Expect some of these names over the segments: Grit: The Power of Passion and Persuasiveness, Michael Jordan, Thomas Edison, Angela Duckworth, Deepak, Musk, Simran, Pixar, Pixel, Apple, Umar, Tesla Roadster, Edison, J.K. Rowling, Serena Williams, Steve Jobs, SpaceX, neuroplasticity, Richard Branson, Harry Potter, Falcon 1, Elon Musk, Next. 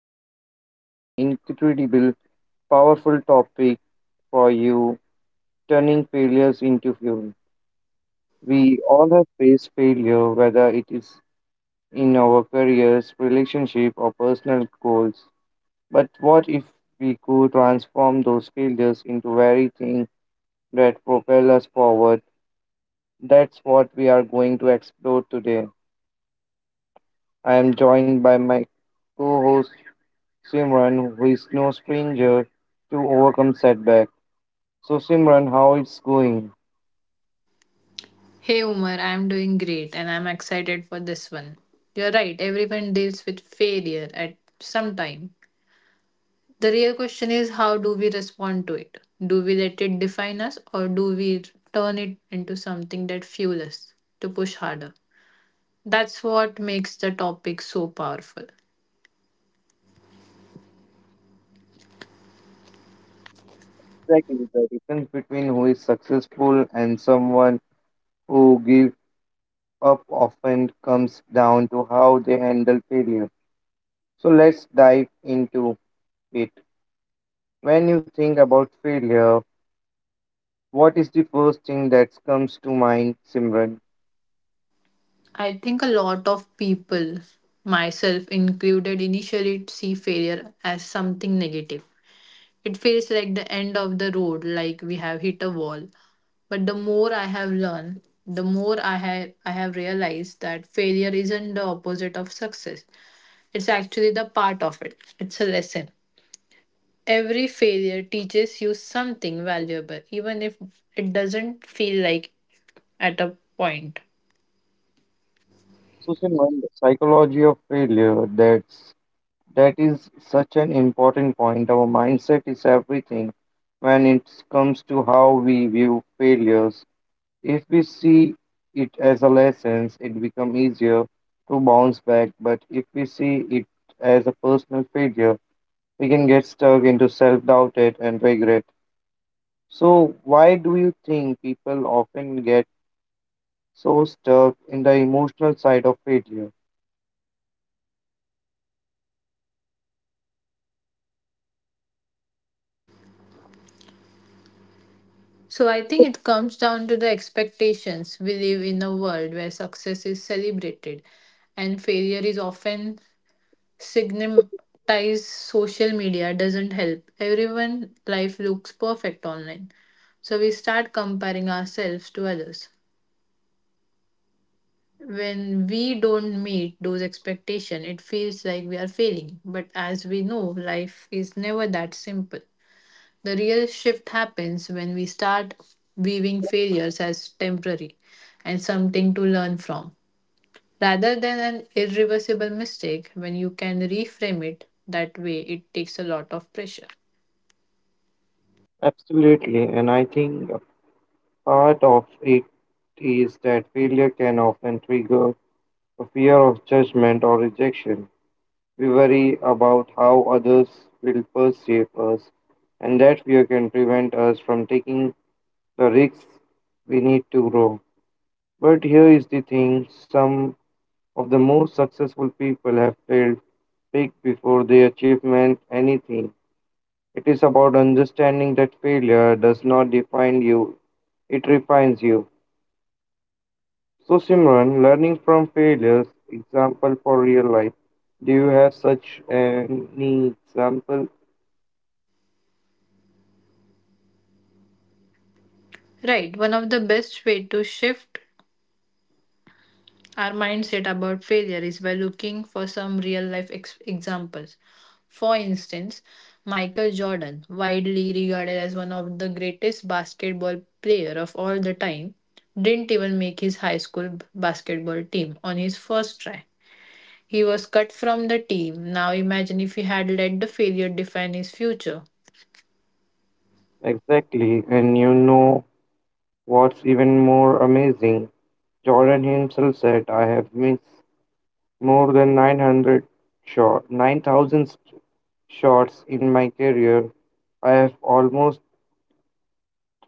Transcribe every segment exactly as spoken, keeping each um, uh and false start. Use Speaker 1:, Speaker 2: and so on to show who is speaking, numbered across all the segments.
Speaker 1: we have got an incredible, powerful topic for you turning failures into fuel. We all have faced failure, whether it is in our careers, relationship, or personal goals. But what if we could transform those failures into very things that propel us forward? That's what we are going to explore today. I am joined by my co host Simran, who is no stranger to overcome setback. So, Simran, how it's going?
Speaker 2: Hey Umar, I'm doing great and I'm excited for this one. You're right, everyone deals with failure at some time. The real question is how do we respond to it? Do we let it define us or do we turn it into something that fuels us to push harder? That's what makes the topic so powerful.
Speaker 1: Exactly, the difference between who is successful and someone who gives up often comes down to how they handle failure. So, let's dive into it. When you think about failure, what is the first thing that comes to mind, Simran?
Speaker 2: I think a lot of people, myself included, initially see failure as something negative. It feels like the end of the road, like we have hit a wall. But the more I have learned, the more I have I have realized that failure isn't the opposite of success. It's actually the part of it. It's a lesson. Every failure teaches you something valuable, even if it doesn't feel like at a point.
Speaker 1: So, Simran, the psychology of failure that That is such an important point. Our mindset is everything when it comes to how we view failures. If we see it as a lesson, it becomes easier to bounce back. But if we see it as a personal failure, we can get stuck into self doubt and regret. So, why do you think people often get so stuck in the emotional side of failure?
Speaker 2: So I think it comes down to the expectations. We live in a world where success is celebrated and failure is often stigmatize, social media doesn't help. Everyone life looks perfect online. So we start comparing ourselves to others. When we don't meet those expectations, it feels like we are failing. But as we know, life is never that simple. The real shift happens when we start viewing failures as temporary and something to learn from, rather than an irreversible mistake. When you can reframe it that way, it takes a lot of pressure.
Speaker 1: Absolutely, and I think part of it is that failure can often trigger a fear of judgment or rejection. We worry about how others will perceive us, and that fear can prevent us from taking the risks we need to grow. But here is the thing, some of the most successful people have failed big before they achievement anything. It is about understanding that failure does not define you, it refines you. So, Simran, learning from failures, example for real life. Do you have such any example?
Speaker 2: Right, one of the best way to shift our mindset about failure is by looking for some real life ex- examples. For instance, Michael Jordan, widely regarded as one of the greatest basketball player of all the time, didn't even make his high school b- basketball team on his first try. He was cut from the team. Now imagine if he had let the failure define his future.
Speaker 1: Exactly, and you know what's even more amazing? Jordan himself said, I have missed more than 900 shot, nine thousand shots in my career. I have almost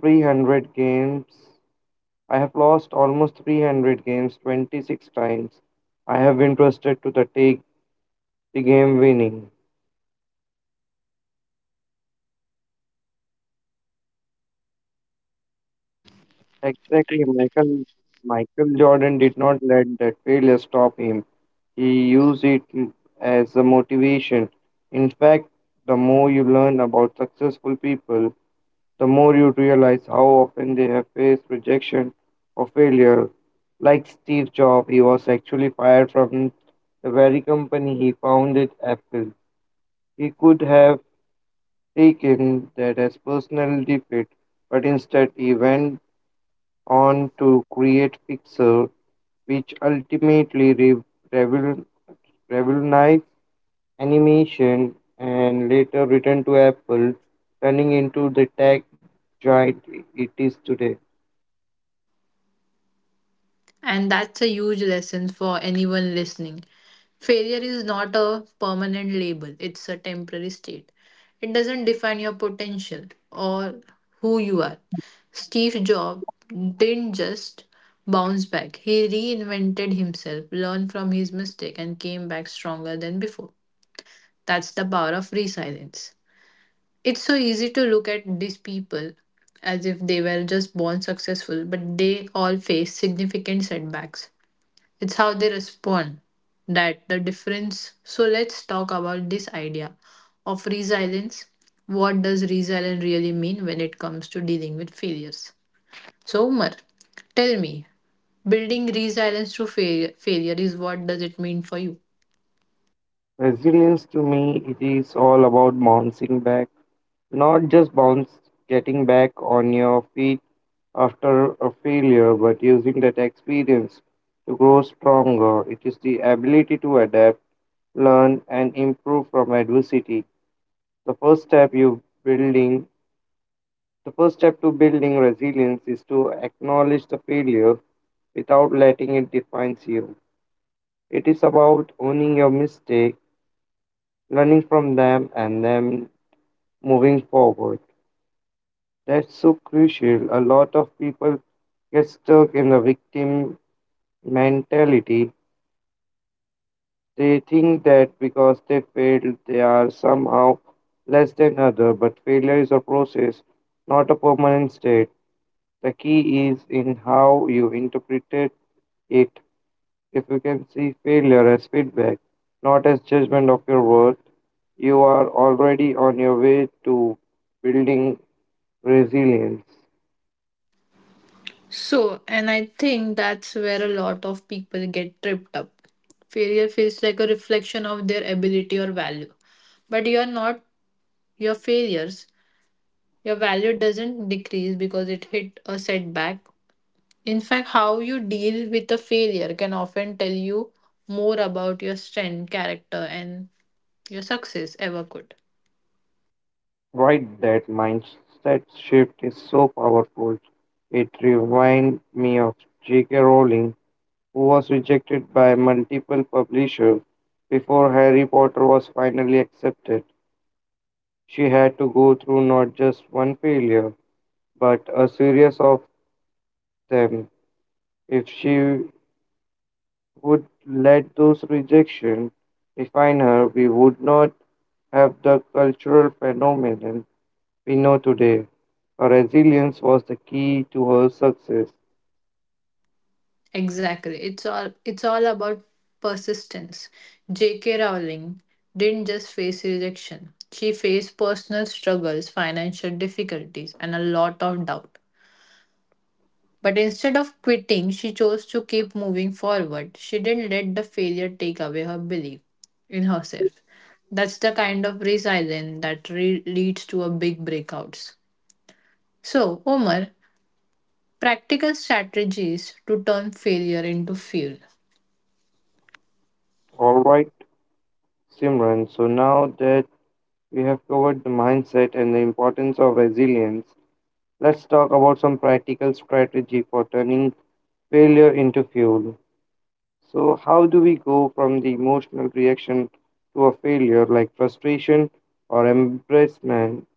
Speaker 1: 300 games. I have lost almost three hundred games twenty-six times. I have been trusted to the take the game winning. Exactly, Michael Michael Jordan did not let that failure stop him. He used it as a motivation. In fact, the more you learn about successful people, the more you realize how often they have faced rejection or failure. Like Steve Jobs, he was actually fired from the very company he founded, Apple. He could have taken that as personal defeat, but instead he went on to create Pixar which ultimately re- revol- revolutionized animation and later returned to Apple, turning into the tech giant it is today.
Speaker 2: And that's a huge lesson for anyone listening. Failure is not a permanent label, it's a temporary state. It doesn't define your potential or who you are. Steve Jobs didn't just bounce back, he reinvented himself, learned from his mistake, and came back stronger than before. That's the power of resilience. It's so easy to look at these people as if they were just born successful, but they all face significant setbacks. It's how they respond that the difference. So let's talk about this idea of resilience. What does resilience really mean when it comes to dealing with failures? So Umar, tell me, building resilience through failure, failure is what does it mean for you?
Speaker 1: Resilience to me, it is all about bouncing back, not just bounce, getting back on your feet after a failure, but using that experience to grow stronger. It is the ability to adapt, learn, and improve from adversity. The first step you building The first step to building resilience is to acknowledge the failure without letting it define you. It is about owning your mistake, learning from them, and then moving forward. That's so crucial. A lot of people get stuck in the victim mentality. They think that because they failed, they are somehow less than other. But failure is a process, not a permanent state. The key is in how you interpret it. If you can see failure as feedback, not as judgment of your worth, you are already on your way to building resilience.
Speaker 2: So, and I think that's where a lot of people get tripped up. Failure feels like a reflection of their ability or value, but you are not your failures. Your value doesn't decrease because it hit a setback. In fact, how you deal with a failure can often tell you more about your strength, character, and your success ever could.
Speaker 1: Right, that mindset shift is so powerful. It reminds me of J K. Rowling, who was rejected by multiple publishers before Harry Potter was finally accepted. She had to go through not just one failure, but a series of them. If she would let those rejections define her, we would not have the cultural phenomenon we know today. Her resilience was the key to her success.
Speaker 2: Exactly. It's all it's all about persistence. J K. Rowling didn't just face rejection. She faced personal struggles, financial difficulties, and a lot of doubt. But instead of quitting, she chose to keep moving forward. She didn't let the failure take away her belief in herself. That's the kind of resilience that re- leads to a big breakouts. So, Omar, practical strategies to turn failure into fuel.
Speaker 1: All right, Simran, so now that we have covered the mindset and the importance of resilience, let's talk about some practical strategy for turning failure into fuel. So, how do we go from the emotional reaction to a failure like frustration or embarrassment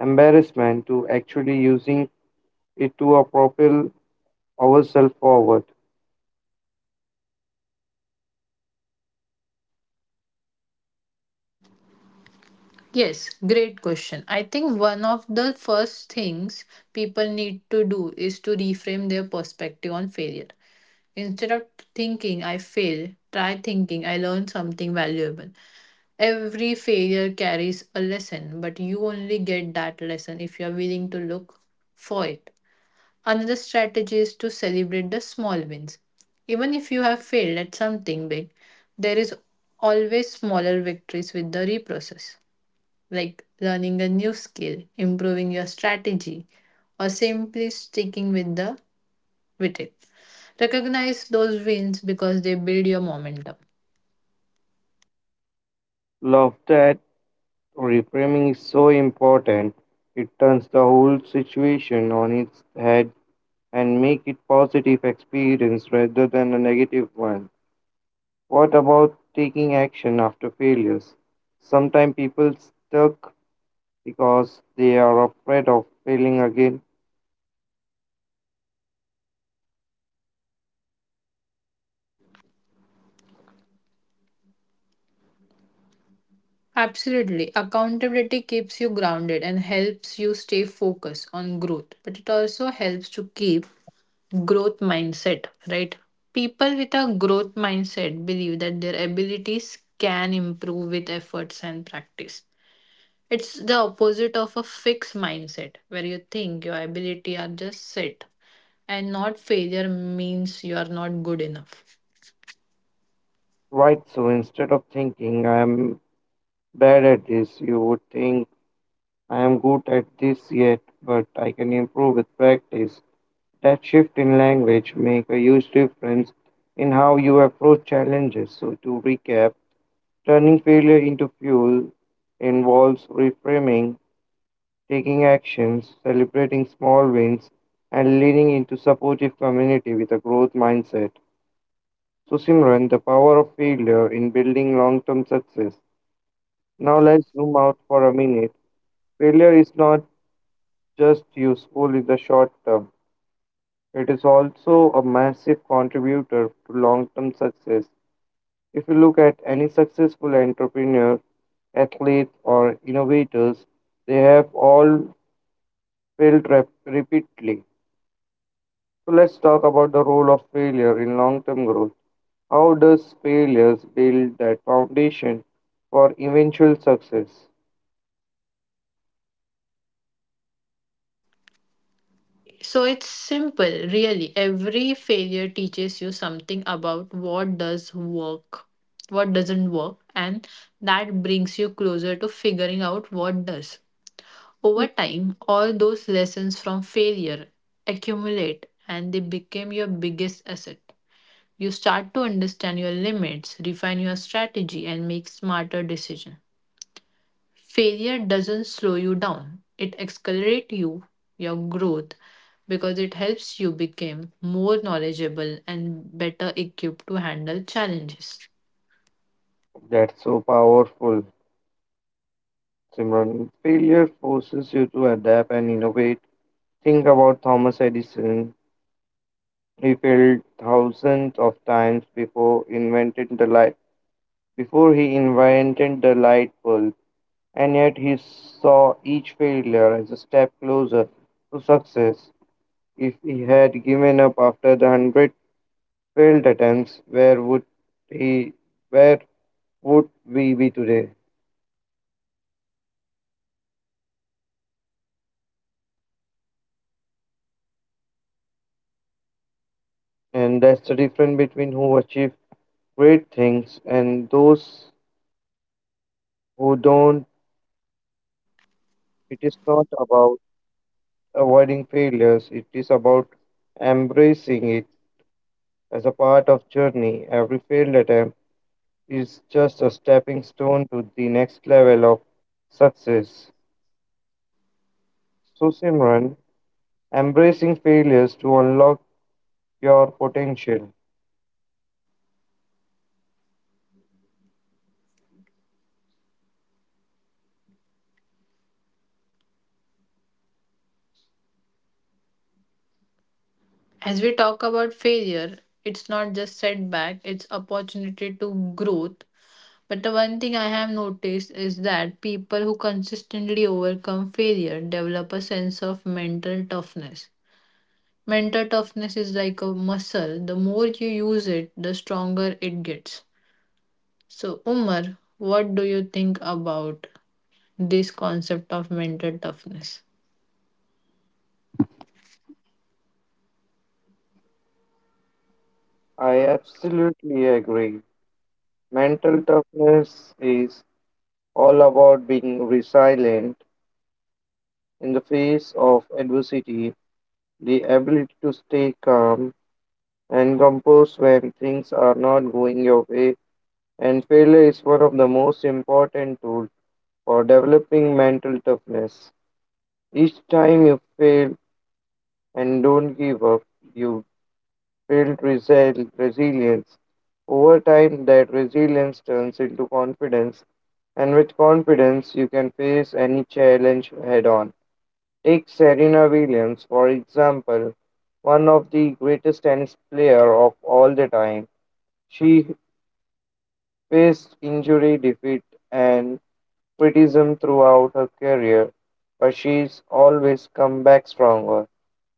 Speaker 1: embarrassment to actually using it to uh, propel ourselves forward.
Speaker 2: Yes, great question. I think one of the first things people need to do is to reframe their perspective on failure. Instead of thinking I fail, try thinking I learned something valuable. Every failure carries a lesson, but you only get that lesson if you are willing to look for it. Another strategy is to celebrate the small wins. Even if you have failed at something big, there is always smaller victories with the reprocess, like learning a new skill, improving your strategy, or simply sticking with the with it. Recognize those wins because they build your momentum.
Speaker 1: Laughter at reframing is so important. It turns the whole situation on its head and make it positive experience rather than a negative one. What about taking action after failures? Sometimes people stuck because they are afraid of failing again.
Speaker 2: Absolutely. Accountability keeps you grounded and helps you stay focused on growth, but it also helps to keep growth mindset, right? People with a growth mindset believe that their abilities can improve with efforts and practice. It's the opposite of a fixed mindset where you think your ability are just set and not failure means you are not good enough.
Speaker 1: Right, so instead of thinking I'm bad at this, you would think I am good at this yet, but I can improve with practice. That shift in language make a huge difference in how you approach challenges. So to recap, turning failure into fuel involves reframing, taking actions, celebrating small wins, and leaning into supportive community with a growth mindset. So Simran, the power of failure in building long-term success. Now let's zoom out for a minute. Failure is not just useful in the short term. It is also a massive contributor to long term success. If you look at any successful entrepreneur, athlete, or innovators, they have all failed rep- repeatedly. So let's talk about the role of failure in long term growth. How does failures build that foundation for eventual success?
Speaker 2: So it's simple, really. Every failure teaches you something about what does work, what doesn't work, and that brings you closer to figuring out what does. Over time, all those lessons from failure accumulate and they become your biggest asset. You start to understand your limits, refine your strategy, and make smarter decisions. Failure doesn't slow you down, it accelerates you, your growth, because it helps you become more knowledgeable and better equipped to handle challenges.
Speaker 1: That's so powerful, Simran. Failure forces you to adapt and innovate. Think about Thomas Edison. He failed thousands of times before invented the light before he invented the light bulb, and yet he saw each failure as a step closer to success. If he had given up after the hundred failed attempts, where would he where would we be today? And that's the difference between who achieve great things and those who don't. It is not about avoiding failures, it is about embracing it as a part of journey. Every failed attempt is just a stepping stone to the next level of success. So Simran, embracing failures to unlock your potential.
Speaker 2: As we talk about failure, it's not just setback, it's opportunity to growth. But the one thing I have noticed is that people who consistently overcome failure develop a sense of mental toughness. Mental toughness is like a muscle, the more you use it the stronger it gets. So, Umar, what do you think about this concept of mental toughness?
Speaker 1: I absolutely agree. Mental toughness is all about being resilient in the face of adversity, the ability to stay calm and composed when things are not going your way, and failure is one of the most important tools for developing mental toughness. Each time you fail and don't give up, you build resi- resilience. Over time, that resilience turns into confidence, and with confidence, you can face any challenge head on. Take Serena Williams, for example, one of the greatest tennis player of all the time. She faced injury, defeat, and criticism throughout her career, but she's always come back stronger.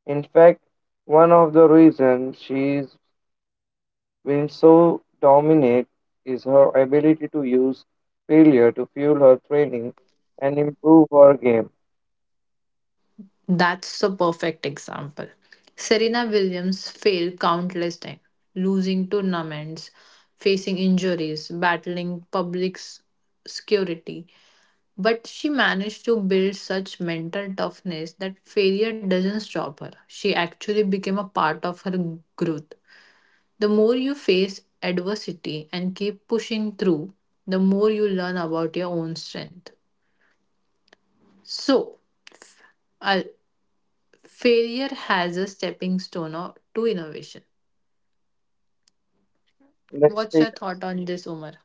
Speaker 1: In fact, one of the reasons she's been so dominant is her ability to use failure to fuel her training and improve her game.
Speaker 2: That's a perfect example. Serena Williams failed countless times, losing tournaments, facing injuries, battling public s- security. But she managed to build such mental toughness that failure doesn't stop her. She actually became a part of her growth. The more you face adversity and keep pushing through, the more you learn about your own strength. So, uh, failure has a stepping stone or- to innovation.
Speaker 1: Let's
Speaker 2: What's your
Speaker 1: take
Speaker 2: thought on this, Umar?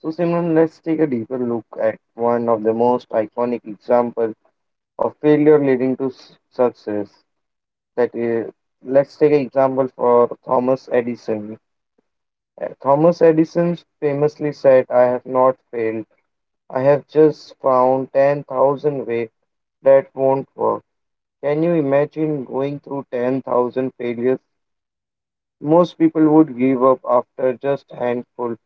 Speaker 1: so Simran, let's take a deeper look at one of the most iconic examples of failure leading to s- success. That is, let's take an example for Thomas Edison. Uh, Thomas Edison famously said, I have not failed. I have just found ten thousand ways that won't work. Can you imagine going through ten thousand failures? Most people would give up after just a handful,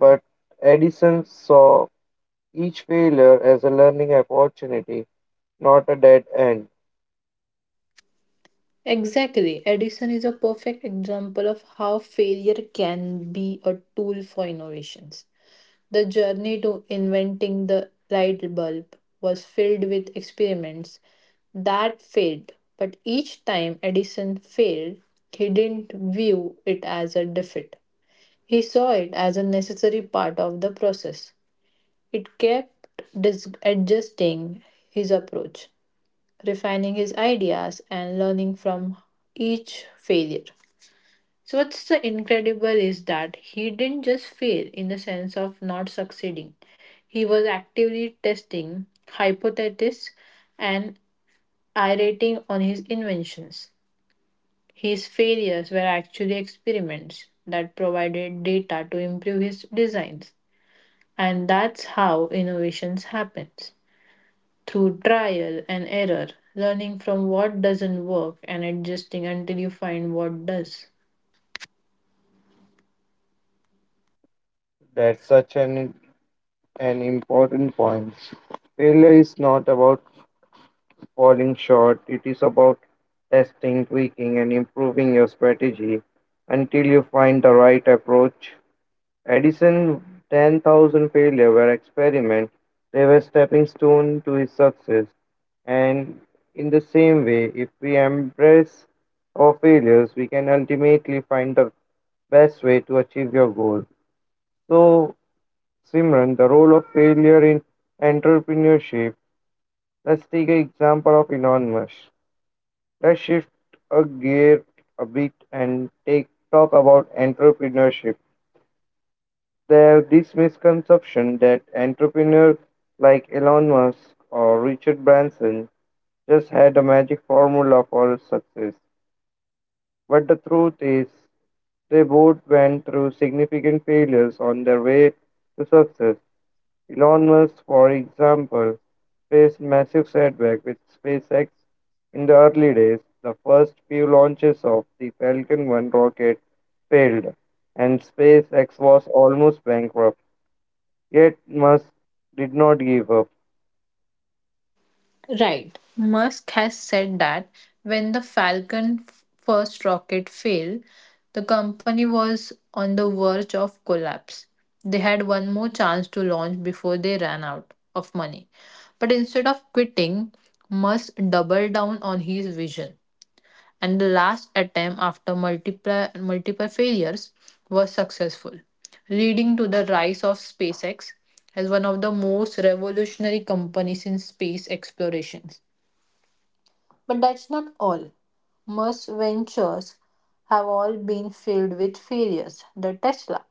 Speaker 1: but Edison saw each failure as a learning opportunity, not a dead end.
Speaker 2: Exactly. Edison is a perfect example of how failure can be a tool for innovations. The journey to inventing the light bulb was filled with experiments that failed, but each time Edison failed, he didn't view it as a defeat. He saw it as a necessary part of the process. It kept dis- adjusting his approach, refining his ideas, and learning from each failure. So what's the incredible is that he didn't just fail in the sense of not succeeding. He was actively testing hypotheses and iterating on his inventions. His failures were actually experiments that provided data to improve his designs. And that's how innovations happens. Through trial and error, learning from what doesn't work and adjusting until you find what does.
Speaker 1: That's such an, an important point. Failure is not about falling short. It is about testing, tweaking, and improving your strategy until you find the right approach. Edison ten thousand failures were experiment. They were stepping stone to his success. And in the same way, if we embrace our failures, we can ultimately find the best way to achieve your goal. So, Simran, the role of failure in entrepreneurship. Let's take an example of Elon Musk. Let's shift a gear a bit and take talk about entrepreneurship. There's this misconception that entrepreneurs like Elon Musk or Richard Branson just had a magic formula for success. But the truth is, they both went through significant failures on their way to success. Elon Musk, for example, faced massive setback with SpaceX in the early days. The first few launches of the Falcon one rocket failed, and SpaceX was almost bankrupt. Yet Musk did not give up.
Speaker 2: Right. Musk has said that when the Falcon f- first rocket failed, the company was on the verge of collapse. They had one more chance to launch before they ran out of money. But instead of quitting, Musk doubled down on his vision. And the last attempt after multiple, multiple failures was successful, leading to the rise of SpaceX as one of the most revolutionary companies in space exploration. But that's not all. Musk's ventures have all been filled with failures. The Tesla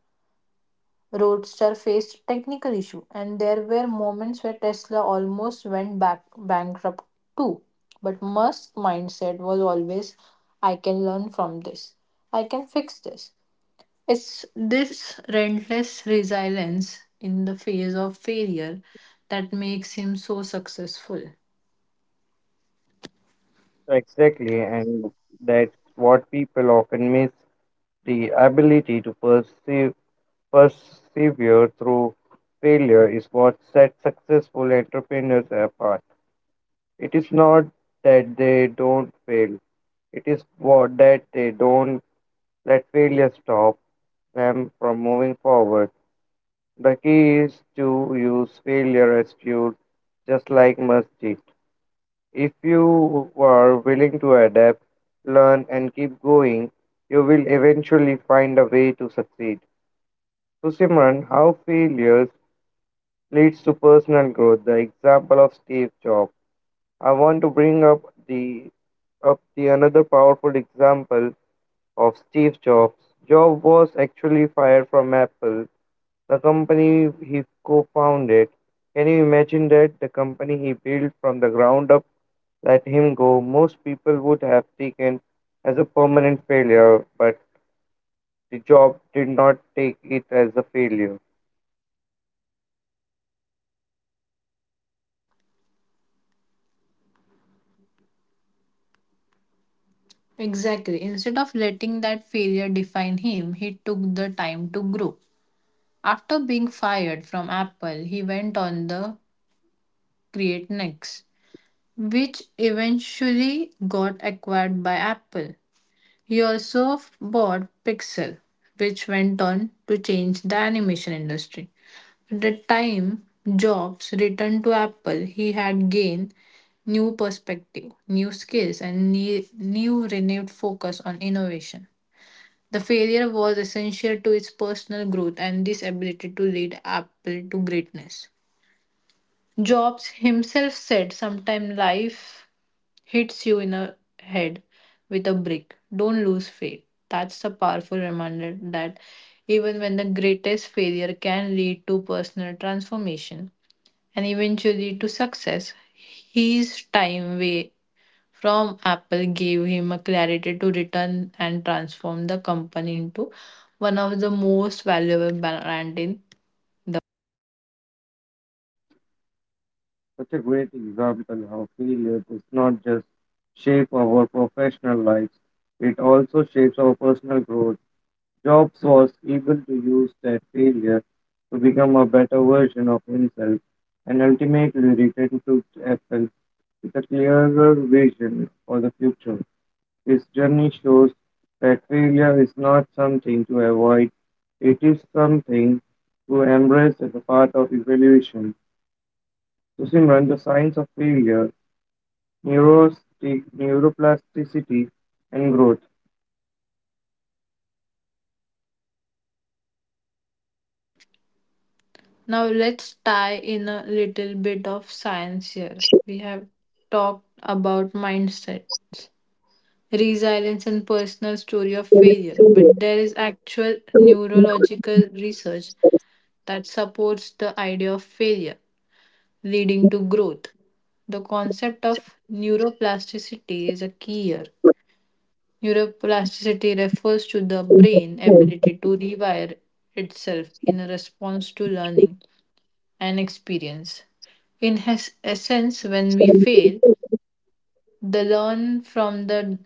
Speaker 2: Roadster faced technical issues, and there were moments where Tesla almost went back bankrupt too. But Musk's mindset was always, "I can learn from this. I can fix this." It's this relentless resilience in the face of failure that makes him so successful.
Speaker 1: Exactly, and that's what people often miss the ability to perceive, persevere through failure is what sets successful entrepreneurs apart. It is not that they don't fail, it is what that they don't let failure stop them from moving forward. The key is to use failure as fuel, just like masjid. If you are willing to adapt, learn, and keep going, you will eventually find a way to succeed. So, Simran, how failures leads to personal growth, the example of Steve Jobs. I want to bring up the up the another powerful example of Steve Jobs. Jobs was actually fired from Apple, the company he co-founded. Can you imagine that the company he built from the ground up let him go? Most people would have taken as a permanent failure, but the job did not take it as a failure.
Speaker 2: Exactly. Instead of letting that failure define him, he took the time to grow. After being fired from Apple, he went on the Create Next, which eventually got acquired by Apple. He also f- bought Pixel, which went on to change the animation industry. At the time Jobs returned to Apple, he had gained new perspective, new skills, and ne- new renewed focus on innovation. The failure was essential to its personal growth and this ability to lead Apple to greatness. Jobs himself said, sometimes life hits you in the head with a brick. Don't lose faith. That's a powerful reminder that even when the greatest failure can lead to personal transformation and eventually to success, his time wa- from Apple gave him a clarity to return and transform the company into one of the most valuable brand in.
Speaker 1: Such a great example how failure does not just shape our professional lives, it also shapes our personal growth. Jobs was able to use that failure to become a better version of himself and ultimately return to Apple with a clearer vision for the future. His journey shows that failure is not something to avoid, it is something to embrace as a part of evolution. So, Simran, the science of failure neurosti- neuroplasticity, and growth.
Speaker 2: Now let's tie in a little bit of science here. We have talked about mindsets, resilience and personal story of failure, but there is actual neurological research that supports the idea of failure leading to growth. The concept of neuroplasticity is a key here. Neuroplasticity refers to the brain ability to rewire itself in a response to learning and experience. In his essence, when we fail, the learn from the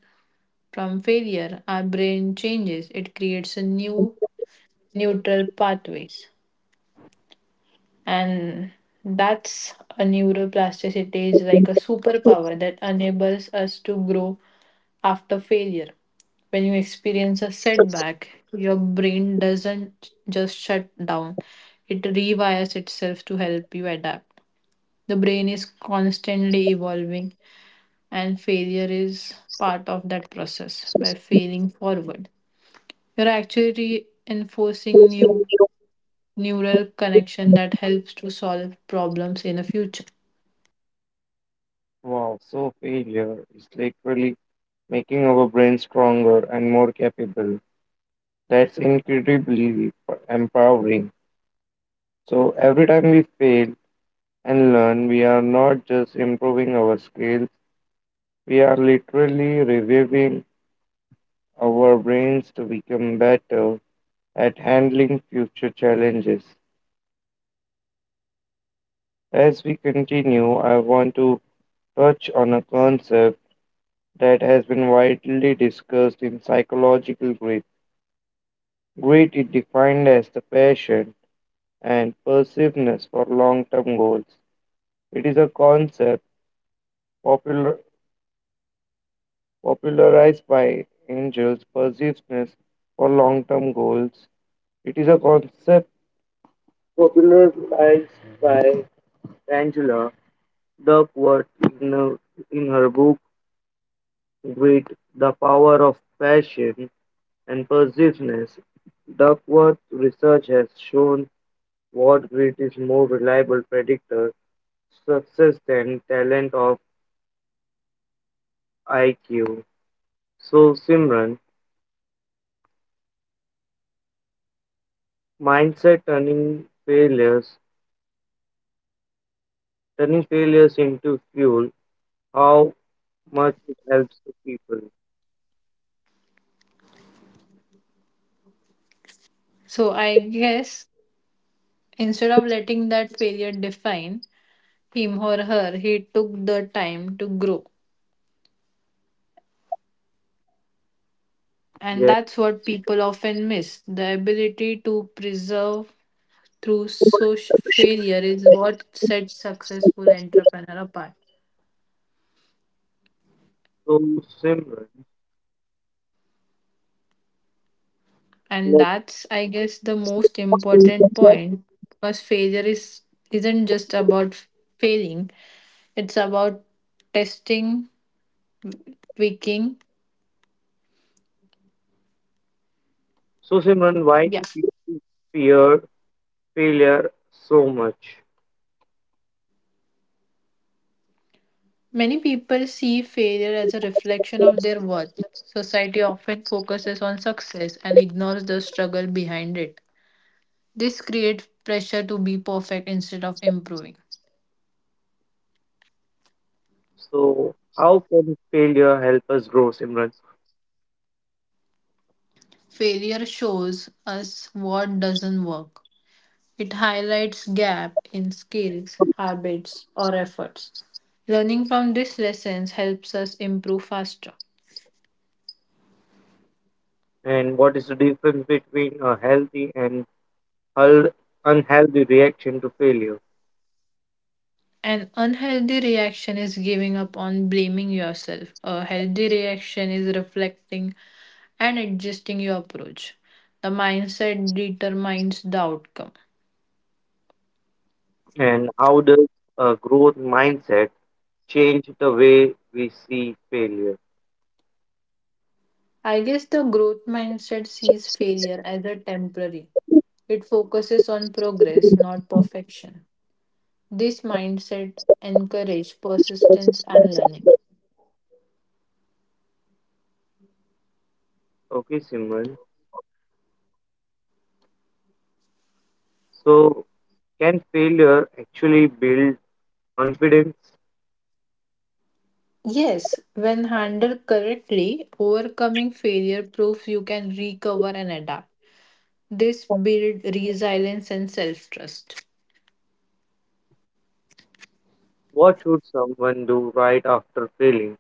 Speaker 2: from failure, our brain changes. It creates a new neutral pathways. And that's a neuroplasticity is like a superpower that enables us to grow after failure. When you experience a setback, your brain doesn't just shut down, it rewires itself to help you adapt. The brain is constantly evolving, and failure is part of that process. By failing forward, you're actually reinforcing new neural connection that helps to solve problems in the future.
Speaker 1: Wow, so failure is literally making our brain stronger and more capable. That's incredibly empowering. So every time we fail and learn, we are not just improving our skills, we are literally reviving our brains to become better at handling future challenges. As we continue, I want to touch on a concept that has been widely discussed in psychological grit. Grit is defined as the passion and persistency for long-term goals. It is a concept popular, popularized by Angels Persistency for long-term goals. It is a concept popularized by Angela Duckworth in her, in her book Grit: The Power of Passion and persuasiveness. Duckworth research has shown what grit is more reliable predictor success than talent of I Q. So Simran, mindset turning failures turning failures into fuel, how much it helps the people.
Speaker 2: So, I guess instead of letting that failure define, him or her, he took the time to grow. And
Speaker 1: Yes.
Speaker 2: that's what people often miss. The ability to preserve through social failure is what sets successful entrepreneur apart.
Speaker 1: So Simran.
Speaker 2: And that's, I guess, the most important point because failure is isn't just about failing. It's about testing, tweaking.
Speaker 1: So Simran, why
Speaker 2: Yeah.
Speaker 1: do people fear failure so much?
Speaker 2: Many people see failure as a reflection of their worth. Society often focuses on success and ignores the struggle behind it. This creates pressure to be perfect instead of improving.
Speaker 1: So, how can failure help us grow, Simran?
Speaker 2: Failure shows us what doesn't work. It highlights gap in skills, habits, or efforts. Learning from these lessons helps us improve faster.
Speaker 1: And what is the difference between a healthy and hel- unhealthy reaction to failure?
Speaker 2: An unhealthy reaction is giving up on blaming yourself. A healthy reaction is reflecting and adjusting your approach. The mindset determines the outcome.
Speaker 1: And how does a growth mindset change the way we see failure?
Speaker 2: I guess the growth mindset sees failure as a temporary. It focuses on progress, not perfection. This mindset encourages persistence and learning.
Speaker 1: Okay, Simran. So, can failure actually build confidence?
Speaker 2: Yes, when handled correctly, overcoming failure proves you can recover and adapt. This builds resilience and self trust.
Speaker 1: What should someone do right after failing?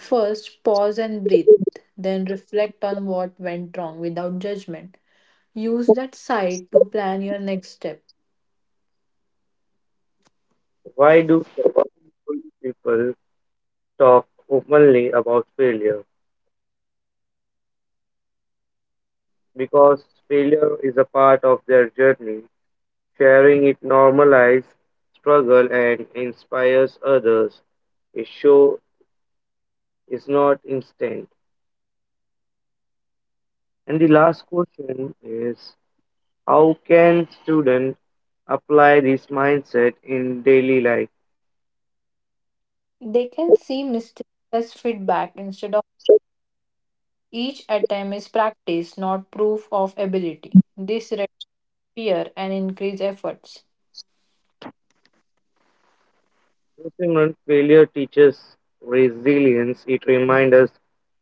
Speaker 2: First, pause and breathe, then reflect on what went wrong without judgment. Use that sight to plan your next step.
Speaker 1: Why do successful people talk openly about failure because failure is a part of their journey. Sharing it normalizes struggle and inspires others. A show is not instant. And the last question is how can students apply this mindset in daily life?
Speaker 2: They can see mistakes as feedback instead of each attempt is practice, not proof of ability. This reduces fear and increase efforts.
Speaker 1: Simon, failure teaches resilience. It reminds us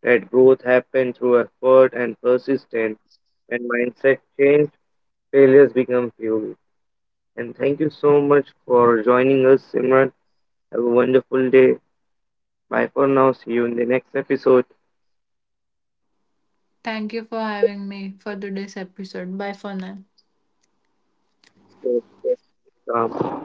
Speaker 1: that growth happens through effort and persistence, and mindset change failures become fuel. And thank you so much for joining us, Simran. Have a wonderful day. Bye for now. See you in the next episode.
Speaker 2: Thank you for having me for today's episode. Bye for now.
Speaker 1: Stay stay calm.